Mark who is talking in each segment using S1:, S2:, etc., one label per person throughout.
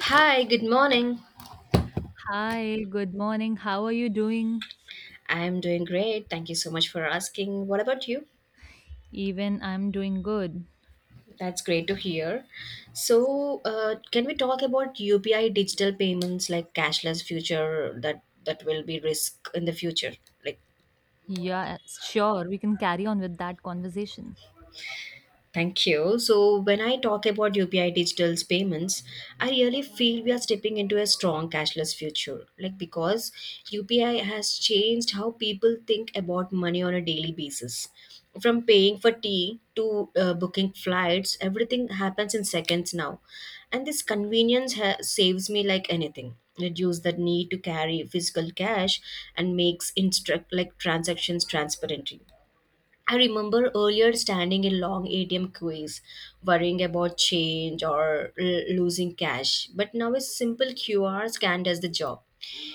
S1: Hi, good morning.
S2: Hi, good morning. How are you doing?
S1: I'm doing great. Thank you so much for asking. What about you?
S2: Even I'm doing good.
S1: That's great to hear. So, can we talk about UPI digital payments like cashless future that will be risk in the future? Like
S2: Yeah, sure. We can carry on with that conversation.
S1: thank you. So, when I talk about UPI digital's payments, I really feel we are stepping into a strong cashless future. Like, because UPI has changed how people think about money on a daily basis. From paying for tea to booking flights, everything happens in seconds now. And this convenience saves me like anything. Reduce the need to carry physical cash and makes instruct like transactions transparent. I remember earlier standing in long ATM queues, worrying about change or losing cash. But now a simple QR scan does the job.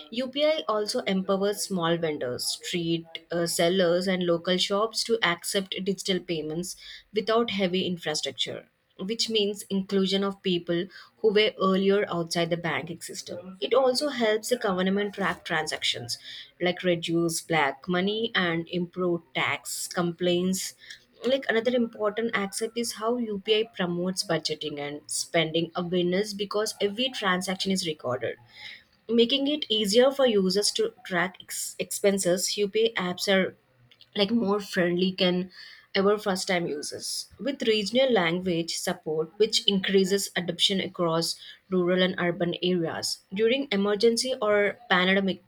S1: UPI also empowers small vendors, street sellers, and local shops to accept digital payments without heavy infrastructure, which means inclusion of people who were earlier outside the banking system. It also helps the government track transactions, like reduce black money and improve tax complaints. Like another important aspect is how UPI promotes budgeting and spending awareness because every transaction is recorded, making it easier for users to track expenses. Upay apps are like more friendly can ever first time users with regional language support, which increases adoption across rural and urban areas during emergency or pandemic.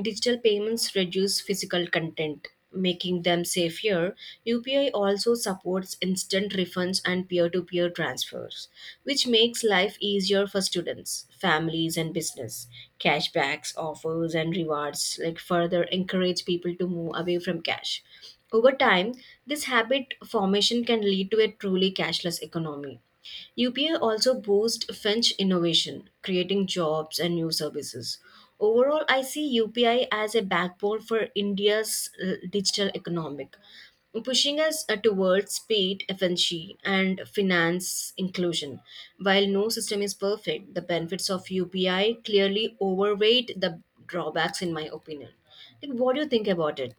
S1: Digital payments reduce physical content, making them safer. UPI also supports instant refunds and peer to peer transfers, which makes life easier for students, families, and business. Cashbacks, offers, and rewards like further encourage people to move away from cash. Over time, this habit formation can lead to a truly cashless economy. UPI also boosts Finch innovation, creating jobs and new services. Overall, I see UPI as a backbone for India's digital economic, pushing us towards speed, efficiency, and finance inclusion. While no system is perfect, the benefits of UPI clearly overweight the drawbacks, in my opinion. Like, what do you think about it?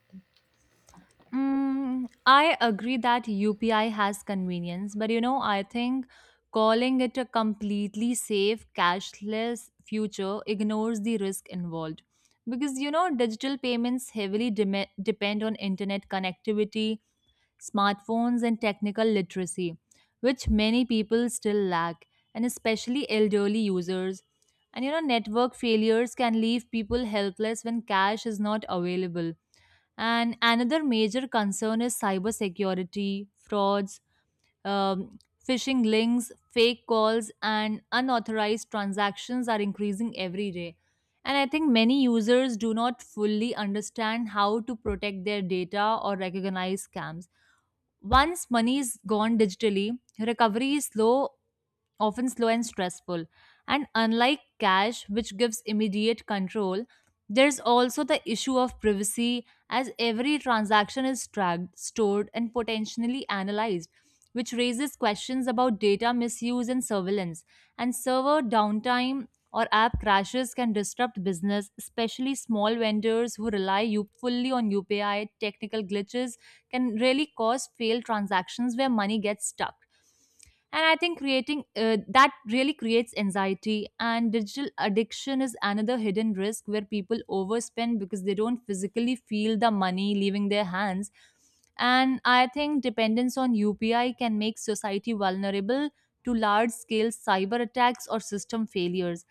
S2: Mm, I agree that UPI has convenience, but you know, I think calling it a completely safe, cashless future ignores the risk involved. Because you know, digital payments heavily depend on internet connectivity, smartphones, and technical literacy, which many people still lack, and especially elderly users. And you know, network failures can leave people helpless when cash is not available. And another major concern is cybersecurity, frauds, um, phishing links, fake calls, and unauthorized transactions are increasing every day. And I think many users do not fully understand how to protect their data or recognize scams. Once money is gone digitally, recovery is slow often slow and stressful. And unlike cash, which gives immediate control, there's also the issue of privacy, as every transaction is tracked, stored, and potentially analyzed, which raises questions about data misuse and surveillance. And server downtime or app crashes can disrupt business, especially small vendors who rely fully on UPI. Technical glitches can really cause failed transactions where money gets stuck, and I think creating that really creates anxiety. And digital addiction is another hidden risk where people overspend because they don't physically feel the money leaving their hands. And I think dependence on UPI can make society vulnerable to large scale cyber attacks or system failures,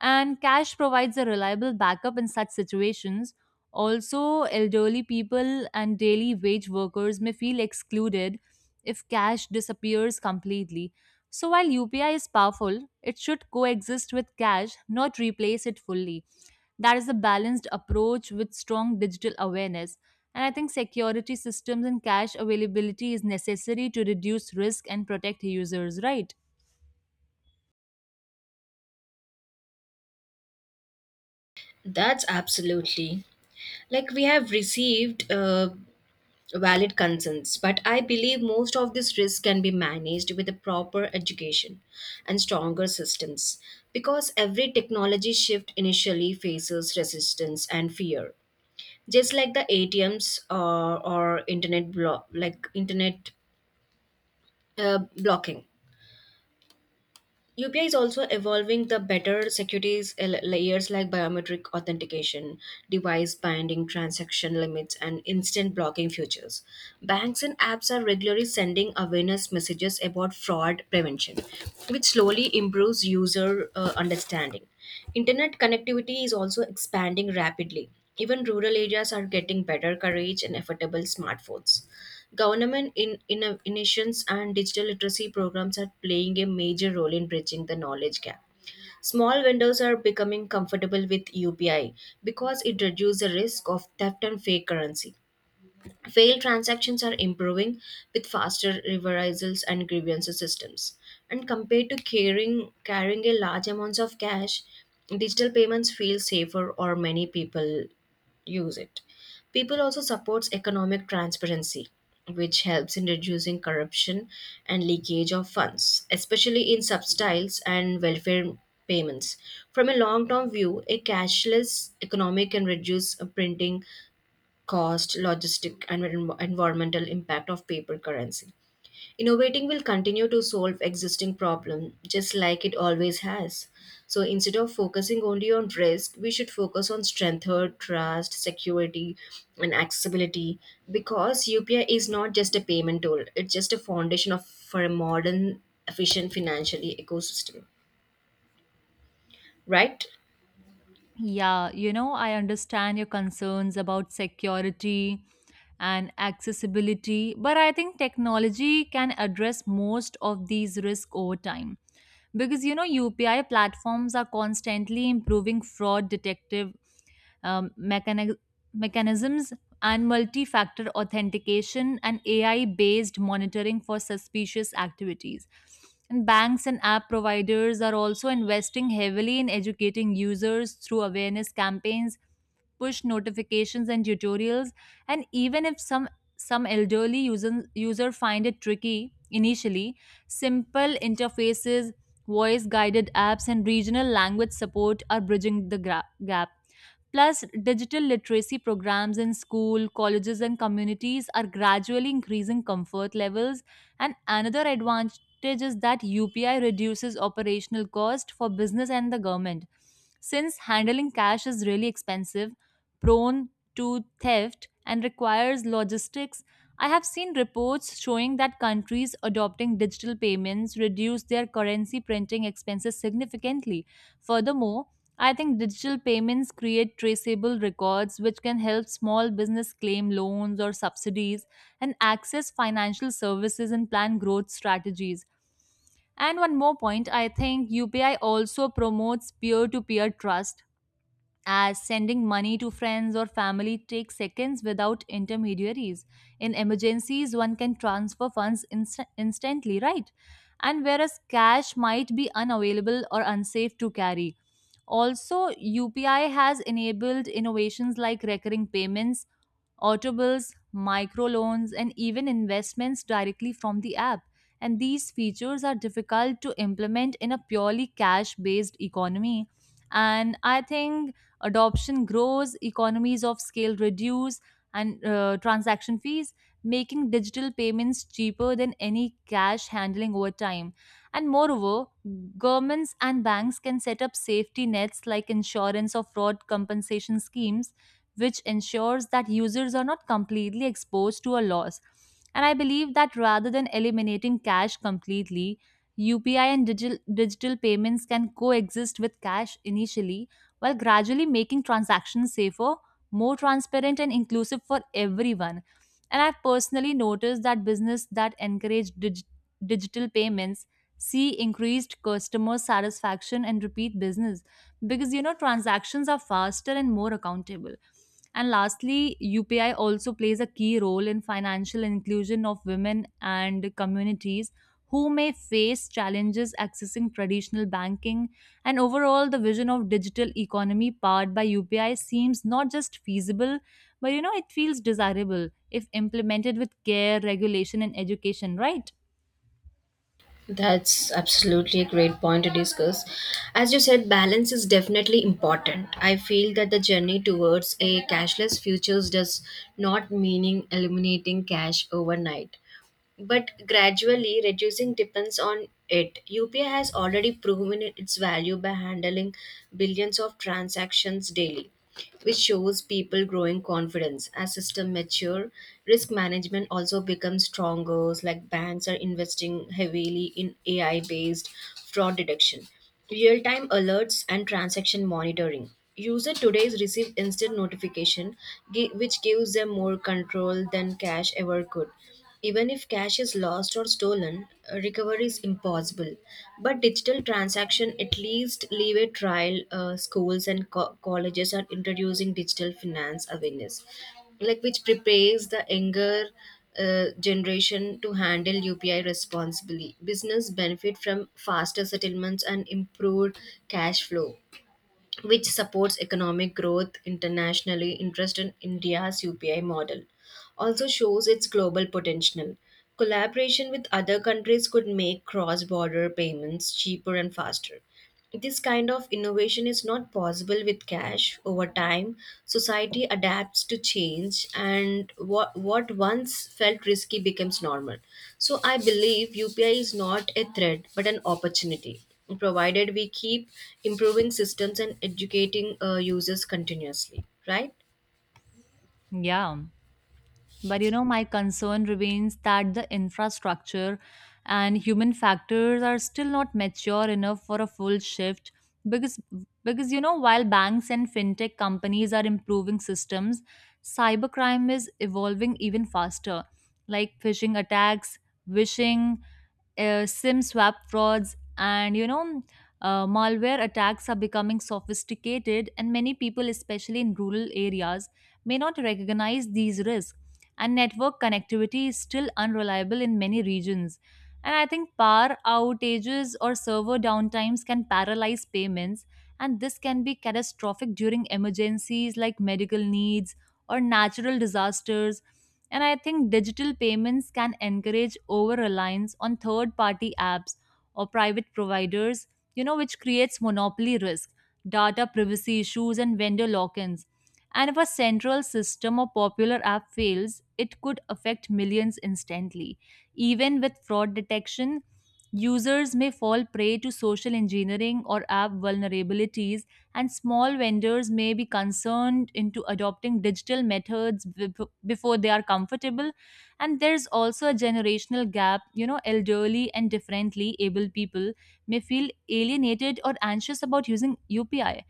S2: and cash provides a reliable backup in such situations. Also elderly people and daily wage workers may feel excluded if cash disappears completely. So while UPI is powerful, it should coexist with cash, not replace it fully. That is a balanced approach with strong digital awareness. And I think security systems and cash availability is necessary to reduce risk and protect users, right?
S1: That's absolutely, like, we have received valid concerns, but I believe most of these risks can be managed with a proper education and stronger systems because every technology shift initially faces resistance and fear. Just like the ATMs or internet block, like internet blocking. UPI is also evolving the better securities layers like biometric authentication, device binding transaction limits, and instant blocking features. Banks and apps are regularly sending awareness messages about fraud prevention, which slowly improves user understanding. Internet connectivity is also expanding rapidly. Even rural areas are getting better coverage and affordable smartphones. Government in innovations and digital literacy programs are playing a major role in bridging the knowledge gap. Small vendors are becoming comfortable with UPI because it reduces the risk of theft and fake currency. Failed transactions are improving with faster reversals and grievance systems. And compared to carrying a large amounts of cash, digital payments feel safer or many people use it. People also supports economic transparency, which helps in reducing corruption and leakage of funds, especially in subsidies and welfare payments. From a long-term view, a cashless economy can reduce printing cost, logistic, and environmental impact of paper currency. Innovating will continue to solve existing problems just like it always has. So instead of focusing only on risk, we should focus on strength, trust, security, and accessibility because UPI is not just a payment tool, it's just a foundation for a modern, efficient financially ecosystem, right?
S2: Yeah, you know, I understand your concerns about security and accessibility, but I think technology can address most of these risks over time. Because you know, UPI platforms are constantly improving fraud detective um, mechani- mechanisms, and multi factor authentication and AI based monitoring for suspicious activities. And banks and app providers are also investing heavily in educating users through awareness campaigns, push notifications, and tutorials. And even if some elderly user find it tricky initially, simple interfaces, voice guided apps, and regional language support are bridging the gap. Plus, digital literacy programs in school, colleges, and communities are gradually increasing comfort levels. And another advantage is that UPI reduces operational cost for business and the government. Since handling cash is really expensive, prone to theft, and requires logistics, I have seen reports showing that countries adopting digital payments reduce their currency printing expenses significantly. Furthermore, I think digital payments create traceable records which can help small business claim loans or subsidies and access financial services and plan growth strategies. And one more point, I think UPI also promotes peer to peer trust as sending money to friends or family takes seconds without intermediaries. In emergencies, one can transfer funds instantly, right? And whereas cash might be unavailable or unsafe to carry. Also, UPI has enabled innovations like recurring payments, auto microloans, and even investments directly from the app. And these features are difficult to implement in a purely cash based economy. And I think adoption grows, economies of scale reduce, and transaction fees, making digital payments cheaper than any cash handling over time. And moreover, governments and banks can set up safety nets like insurance or fraud compensation schemes, which ensures that users are not completely exposed to a loss. And I believe that rather than eliminating cash completely, UPI and digital payments can coexist with cash initially while gradually making transactions safer, more transparent, and inclusive for everyone. And I've personally noticed that business that encourage digital payments see increased customer satisfaction and repeat business, because you know transactions are faster and more accountable. And lastly, UPI also plays a key role in financial inclusion of women and communities who may face challenges accessing traditional banking. And overall, the vision of digital economy powered by UPI seems not just feasible, but you know it feels desirable if implemented with care, regulation, and education, right?
S1: That's absolutely a great point to discuss. As you said, balance is definitely important. I feel that the journey towards a cashless futures does not meaning eliminating cash overnight but gradually reducing depends on it. UPI has already proven its value by handling billions of transactions daily, which shows people growing confidence. As system mature, risk management also becomes stronger, like banks are investing heavily in AI-based fraud detection, real-time alerts and transaction monitoring. User today receive instant notification, which gives them more control than cash ever could. Even if cash is lost or stolen, recovery is impossible. But digital transaction at least leave a trial. Schools and colleges are introducing digital finance awareness, like which prepares the younger generation to handle UPI responsibly. Business benefit from faster settlements and improved cash flow, which supports economic growth internationally. Interest in India's UPI model also shows its global potential. Collaboration with other countries could make cross border payments cheaper and faster. This kind of innovation is not possible with cash. Over time, society adapts to change, and what once felt risky becomes normal. So, I believe UPI is not a threat but an opportunity provided we keep improving systems and educating users continuously, right?
S2: Yeah. But you know, my concern remains that the infrastructure and human factors are still not mature enough for a full shift, because you know while banks and fintech companies are improving systems, cybercrime is evolving even faster, like phishing attacks, vishing, SIM swap frauds, and you know, malware attacks are becoming sophisticated, and many people, especially in rural areas, may not recognize these risks. And network connectivity is still unreliable in many regions. And I think power outages or server downtimes can paralyze payments, and this can be catastrophic during emergencies like medical needs or natural disasters. And I think digital payments can encourage over reliance on third party apps or private providers, you know, which creates monopoly risk, data privacy issues, and vendor lock ins. And if a central system or popular app fails, it could affect millions instantly. Even with fraud detection, users may fall prey to social engineering or app vulnerabilities, and small vendors may be concerned into adopting digital methods before they are comfortable. And there's also a generational gap. You know, elderly and differently able people may feel alienated or anxious about using UPI,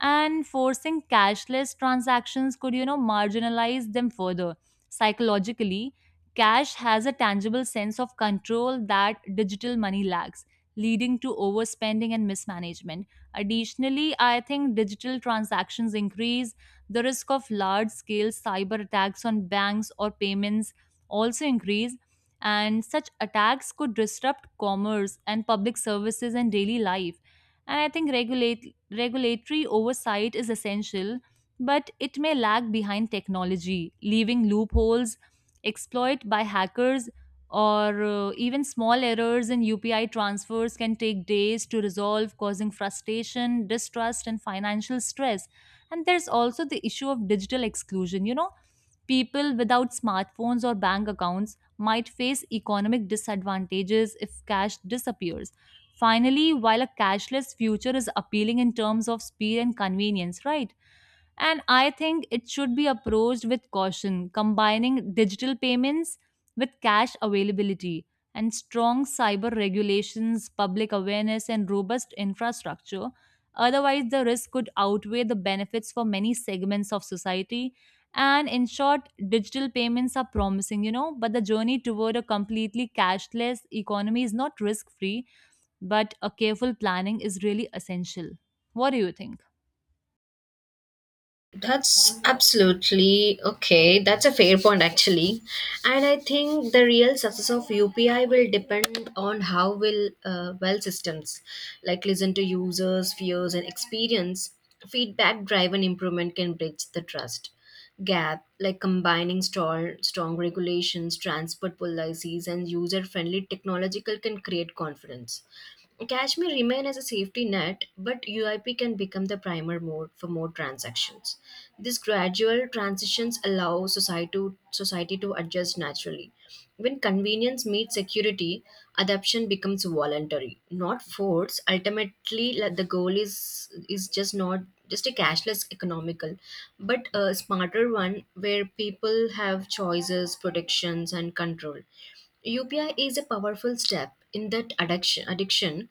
S2: and forcing cashless transactions could you know marginalize them further. Psychologically, cash has a tangible sense of control that digital money lacks, leading to overspending and mismanagement. Additionally, I think digital transactions increase the risk of large scale cyber attacks on banks or payments also increase, and such attacks could disrupt commerce and public services and daily life. And I think regulate regulatory oversight is essential, but it may lag behind technology, leaving loopholes exploited by hackers. Or even small errors in UPI transfers can take days to resolve, causing frustration, distrust, and financial stress. And there's also the issue of digital exclusion. You know, people without smartphones or bank accounts might face economic disadvantages if cash disappears. Finally, while a cashless future is appealing in terms of speed and convenience, right? And I think it should be approached with caution, combining digital payments with cash availability and strong cyber regulations, public awareness, and robust infrastructure. Otherwise, the risk could outweigh the benefits for many segments of society. And in short, digital payments are promising, you know, but the journey toward a completely cashless economy is not risk free, but a careful planning is really essential. What do you think?
S1: That's absolutely okay. That's a fair point, actually. And I think the real success of UPI will depend on how will well systems like listen to users' fears and experience. Feedback driven improvement can bridge the trust gap, like combining strong regulations, transport policies, and user friendly technological can create confidence. Cash may remain as a safety net, but UIP can become the primer mode for more transactions. This gradual transitions allow society to adjust naturally. When convenience meets security, adoption becomes voluntary, not forced. Ultimately, like, the goal is just not just a cashless economical, but a smarter one where people have choices, protections, and control. UPI is a powerful step in that addiction.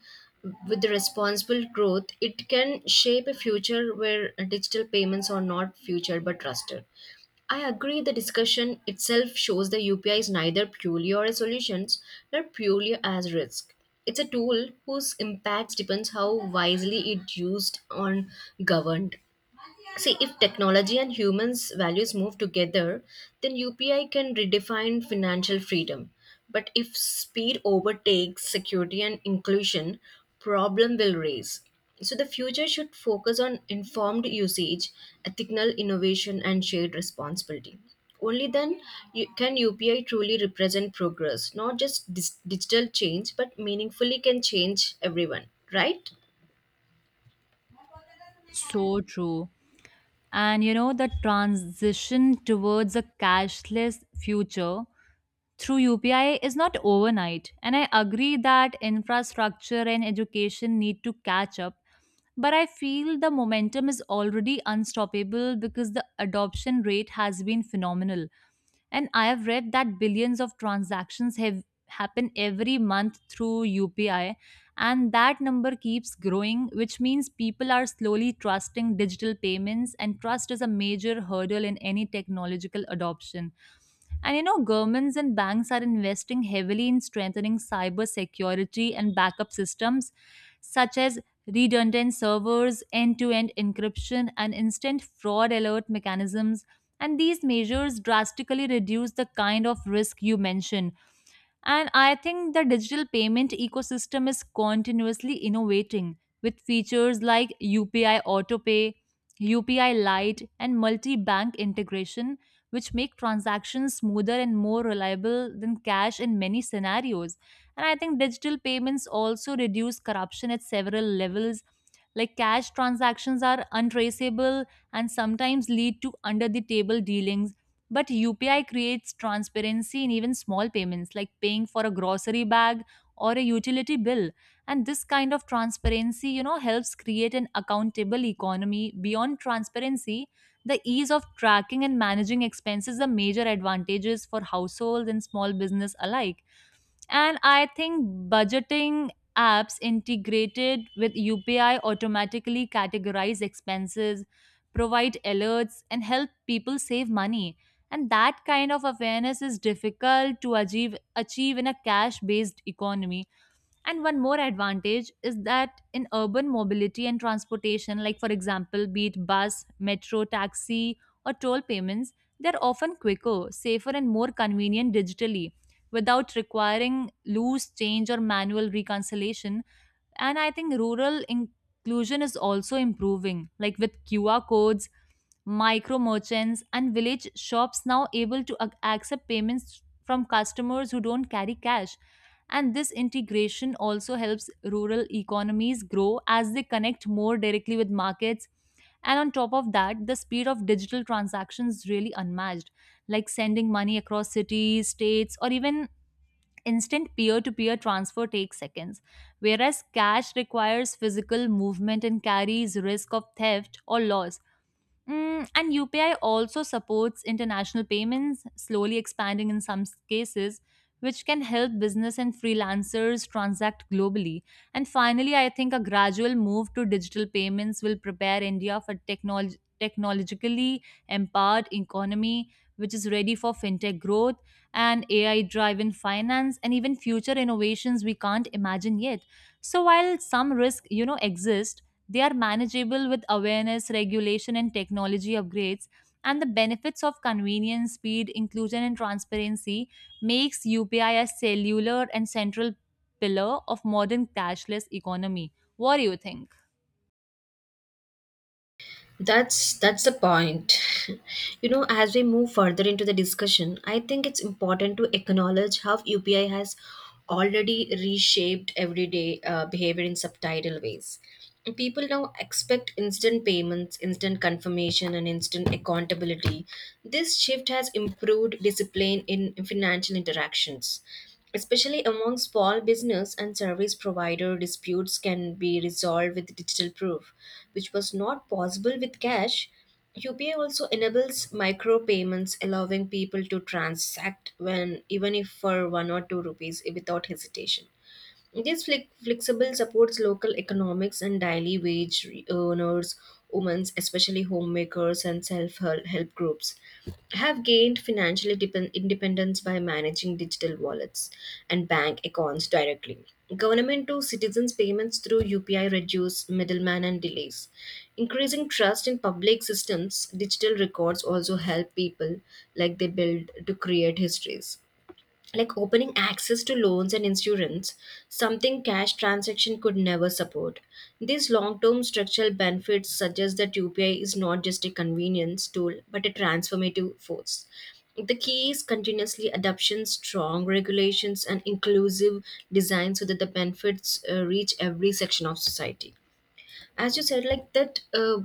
S1: With the responsible growth it can shape a future where digital payments are not future but trusted. I agree the discussion itself shows the UPI is neither purely or a solution nor purely as risk. It's a tool whose impact depends how wisely it used on governed. See, if technology and humans' values move together, then UPI can redefine financial freedom. But if speed overtakes security and inclusion, problem will raise. So the future should focus on informed usage, ethical innovation, and shared responsibility. Only then can UPI truly represent progress, not just digital change, but meaningfully can change everyone, right?
S2: So true. And you know, the transition towards a cashless future through UPI is not overnight. And I agree that infrastructure and education need to catch up. But I feel the momentum is already unstoppable because the adoption rate has been phenomenal. And I have read that billions of transactions have happen every month through UPI, and that number keeps growing, which means people are slowly trusting digital payments, and trust is a major hurdle in any technological adoption. And you know, governments and banks are investing heavily in strengthening cyber security and backup systems such as redundant servers, end to end encryption, and instant fraud alert mechanisms. And these measures drastically reduce the kind of risk you mention. And I think the digital payment ecosystem is continuously innovating with features like UPI AutoPay, UPI Lite, and multi bank integration, which make transactions smoother and more reliable than cash in many scenarios. And I think digital payments also reduce corruption at several levels, like cash transactions are untraceable and sometimes lead to under the table dealings. But UPI creates transparency in even small payments, like paying for a grocery bag or a utility bill. And this kind of transparency, you know, helps create an accountable economy. Beyond transparency, the ease of tracking and managing expenses are major advantages for households and small business alike. And I think budgeting apps integrated with UPI automatically categorize expenses, provide alerts, and help people save money. And that kind of awareness is difficult to achieve in a cash based economy. And one more advantage is that in urban mobility and transportation, like for example, be it bus, metro, taxi, or toll payments, they're often quicker, safer, and more convenient digitally without requiring loose change or manual reconciliation. And I think rural inclusion is also improving, like with QR codes, micro merchants and village shops now able to accept payments from customers who don't carry cash. And this integration also helps rural economies grow as they connect more directly with markets. And on top of that, the speed of digital transactions is really unmatched, like sending money across cities, states, or even instant peer-to-peer transfer takes seconds, whereas cash requires physical movement and carries risk of theft or loss. Mm, and UPI also supports international payments, slowly expanding in some cases, which can help business and freelancers transact globally. And finally, I think a gradual move to digital payments will prepare India for technologically empowered economy, which is ready for fintech growth and AI-driven finance and even future innovations we can't imagine yet. So while some risk, exist, they are manageable with awareness, regulation, and technology upgrades. And the benefits of convenience, speed, inclusion, and transparency makes UPI cellular and central pillar of modern cashless economy. What do you think?
S1: That's the point. You know, as we move further into the discussion, I think it's important to acknowledge how UPI has already reshaped everyday behavior in subtitle ways. People now expect instant payments, instant confirmation, and instant accountability. This shift has improved discipline in financial interactions. Especially among small business and service provider, disputes can be resolved with digital proof, which was not possible with cash. UPI also enables micropayments, allowing people to transact when even if for one or two rupees without hesitation. This flexible, supports local economics and daily wage earners, women, especially homemakers and self help groups, have gained financial independence by managing digital wallets and bank accounts directly. Government to citizens payments through UPI reduce middlemen and delays. Increasing trust in public systems, digital records also help people like they build to create histories, like opening access to loans and insurance, something cash transaction could never support. These long-term structural benefits suggest that UPI is not just a convenience tool but a transformative force. The key is continuously adoption, strong regulations, and inclusive design so that the benefits reach every section of society. As you said, like that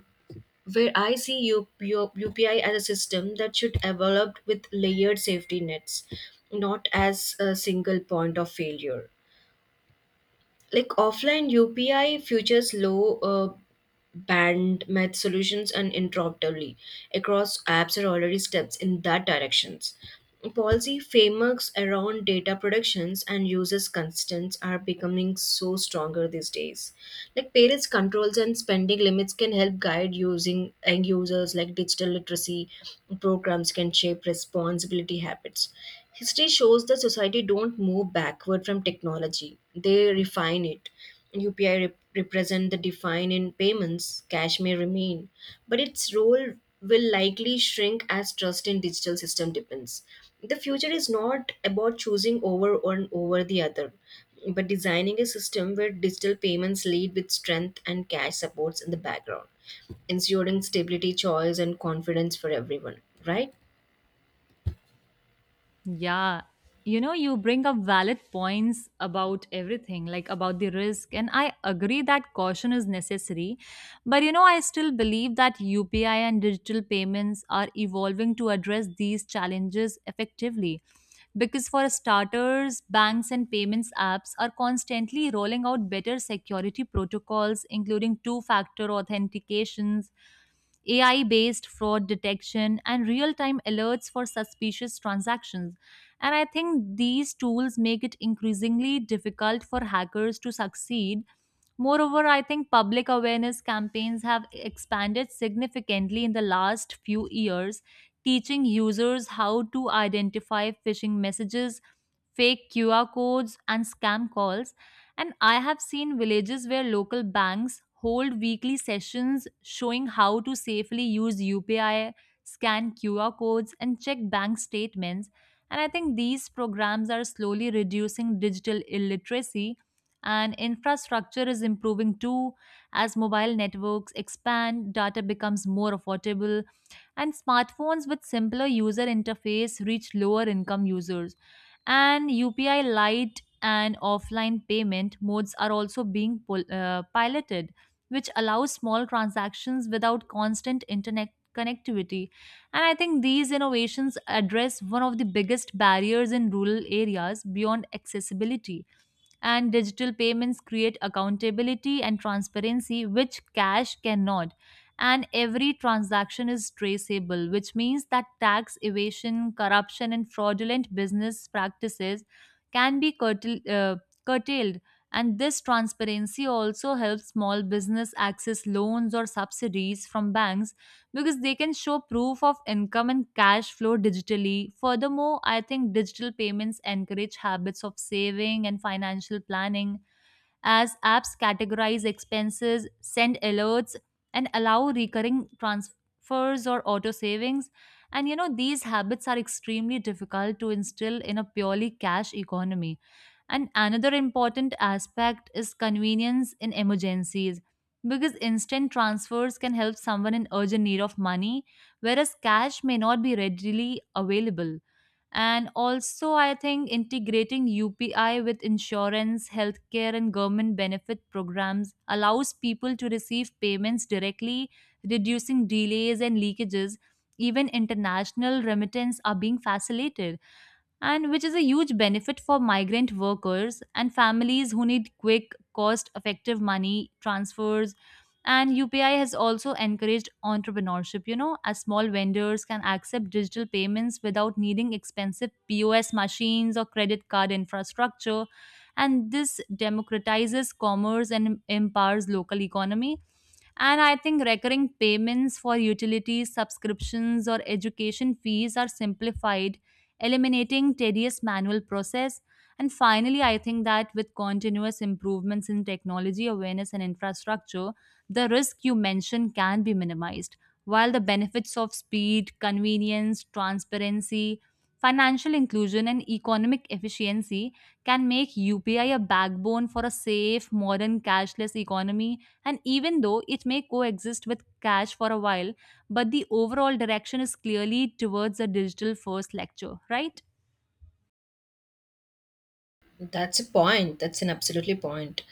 S1: where I see UPI as a system that should develop with layered safety nets, not as a single point of failure, like offline UPI features, low band math solutions and uninterruptibly across apps are already steps in that directions. Policy frameworks around data productions and users' constants are becoming so stronger these days. Like parents' controls and spending limits can help guide using end users, like digital literacy programs can shape responsibility habits. History shows that society don't move backward from technology. They refine it. UPI represent the decline in payments, cash may remain, but its role will likely shrink as trust in digital system depends. The future is not about choosing over one over the other, but designing a system where digital payments lead with strength and cash supports in the background, ensuring stability, choice, and confidence for everyone. Right?
S2: Yeah. You know, you bring up valid points about everything, like about the risk. And I agree that caution is necessary. But, you know, I still believe that UPI and digital payments are evolving to address these challenges effectively. Because, for starters, banks and payments apps are constantly rolling out better security protocols, including two factor authentications, AI based fraud detection, and real time alerts for suspicious transactions. And I think these tools make it increasingly difficult for hackers to succeed. Moreover, I think public awareness campaigns have expanded significantly in the last few years, teaching users how to identify phishing messages, fake QR codes, and scam calls. And I have seen villages where local banks hold weekly sessions showing how to safely use UPI, scan QR codes, and check bank statements. And I think these programs are slowly reducing digital illiteracy, and infrastructure is improving too. As mobile networks expand, data becomes more affordable, and smartphones with simpler user interface reach lower income users, and UPI Lite and offline payment modes are also being piloted, which allows small transactions without constant internet connectivity. And I think these innovations address one of the biggest barriers in rural areas beyond accessibility. And digital payments create accountability and transparency, which cash cannot, and every transaction is traceable, which means that tax evasion, corruption, and fraudulent business practices can be curtailed. And this transparency also helps small business access loans or subsidies from banks because they can show proof of income and cash flow digitally. Furthermore, I think digital payments encourage habits of saving and financial planning as apps categorize expenses, send alerts, and allow recurring transfers or auto savings. And you know, these habits are extremely difficult to instill in a purely cash economy. And another important aspect is convenience in emergencies because instant transfers can help someone in urgent need of money, whereas cash may not be readily available. And also, I think integrating UPI with insurance, healthcare, and government benefit programs allows people to receive payments directly, reducing delays and leakages. Even international remittance are being facilitated, and which is a huge benefit for migrant workers and families who need quick, cost effective money transfers. And UPI has also encouraged entrepreneurship, you know, as small vendors can accept digital payments without needing expensive POS machines or credit card infrastructure. And this democratizes commerce and empowers local economy, and I think recurring payments for utilities, subscriptions, or education fees are simplified, eliminating tedious manual process. And finally, I think that with continuous improvements in technology awareness and infrastructure, the risk you mentioned can be minimized, while the benefits of speed, convenience, transparency, financial inclusion, and economic efficiency can make UPI a backbone for a safe, modern, cashless economy. And even though it may coexist with cash for a while, but the overall direction is clearly towards a digital first lecture, right?
S1: That's a point. That's an absolutely point.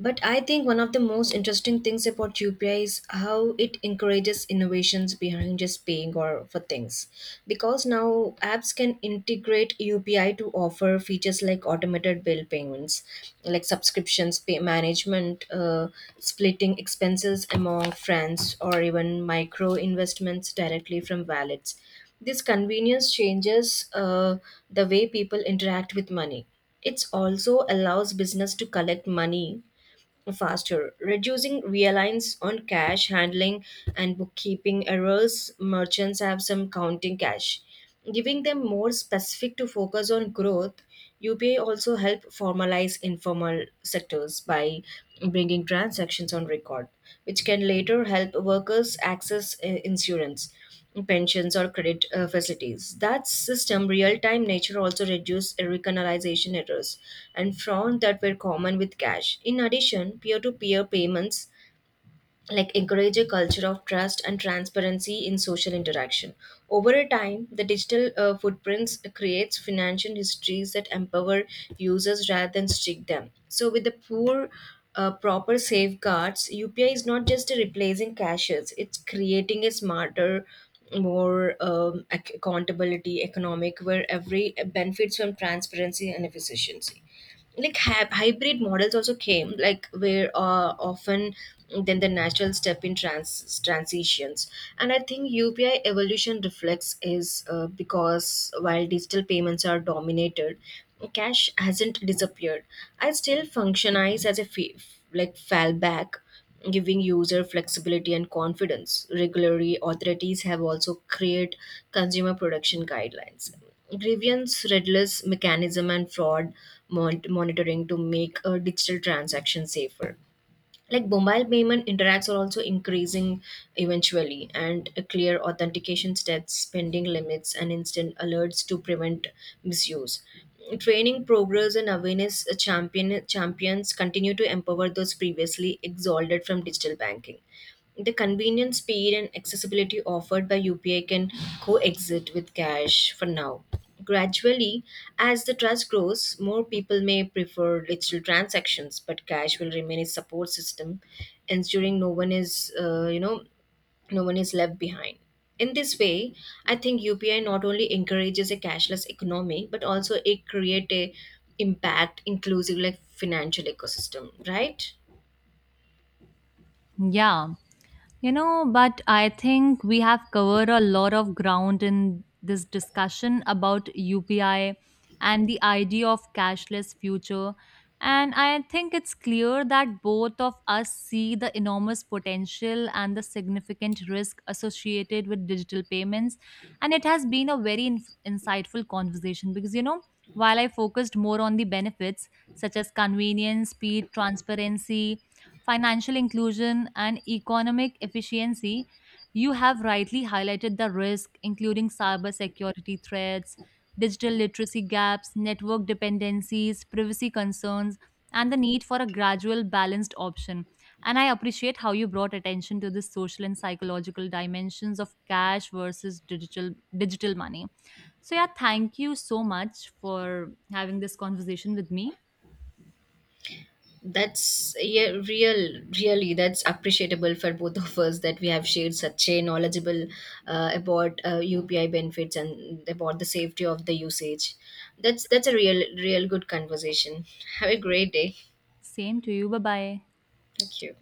S1: But I think one of the most interesting things about UPI is how it encourages innovations behind just paying or for things. Because now apps can integrate UPI to offer features like automated bill payments, like subscriptions, pay management, splitting expenses among friends, or even micro investments directly from wallets. This convenience changes the way people interact with money. It also allows business to collect money faster, reducing reliance on cash handling and bookkeeping errors. Merchants have some counting cash, giving them more specific to focus on growth. UPI also help formalize informal sectors by bringing transactions on record, which can later help workers access insurance pensions or credit facilities. That system real-time nature also reduced recognization errors and fraud that were common with cash. In addition, peer-to-peer payments like encourage a culture of trust and transparency in social interaction. Over a time the digital footprints creates financial histories that empower users rather than strict them. So with the poor proper safeguards, UPI is not just replacing cashes, it's creating a smarter, more accountability economic where every benefits from transparency and efficiency. Like hybrid models also came, like where often then the natural step in transitions. And I think UPI evolution reflects is because while digital payments are dominated, cash hasn't disappeared. I still functionize as a like fallback, giving user flexibility and confidence. Regulatory authorities have also created consumer protection guidelines, grievance redress mechanism, and fraud monitoring to make a digital transaction safer. Like mobile payment interacts are also increasing eventually, and a clear authentication steps, spending limits and instant alerts to prevent misuse. Training progress and awareness champions continue to empower those previously exalted from digital banking. The convenience, speed, and accessibility offered by UPI can coexist with cash for now. Gradually, as the trust grows, more people may prefer digital transactions, but cash will remain a support system, ensuring no one is, no one is left behind. In this way, I think UPI not only encourages a cashless economy, but also it create a impact inclusive like financial ecosystem, right?
S2: Yeah. You know, but I think we have covered a lot of ground in this discussion about UPI and the idea of cashless future. And I think it's clear that both of us see the enormous potential and the significant risk associated with digital payments. And it has been a very inf insightful conversation because, you know, while I focused more on the benefits such as convenience, speed, transparency, financial inclusion, and economic efficiency, you have rightly highlighted the risk, including cybersecurity threats, digital literacy gaps, network dependencies, privacy concerns, and the need for a gradual, balanced option. And I appreciate how you brought attention to the social and psychological dimensions of cash versus digital money. So yeah, thank you so much for having this conversation with me.
S1: That's really. That's appreciable for both of us that we have shared such a knowledgeable about UPI benefits and about the safety of the usage. That's a real good conversation. Have a great day.
S2: Same to you. Bye bye.
S1: Thank you.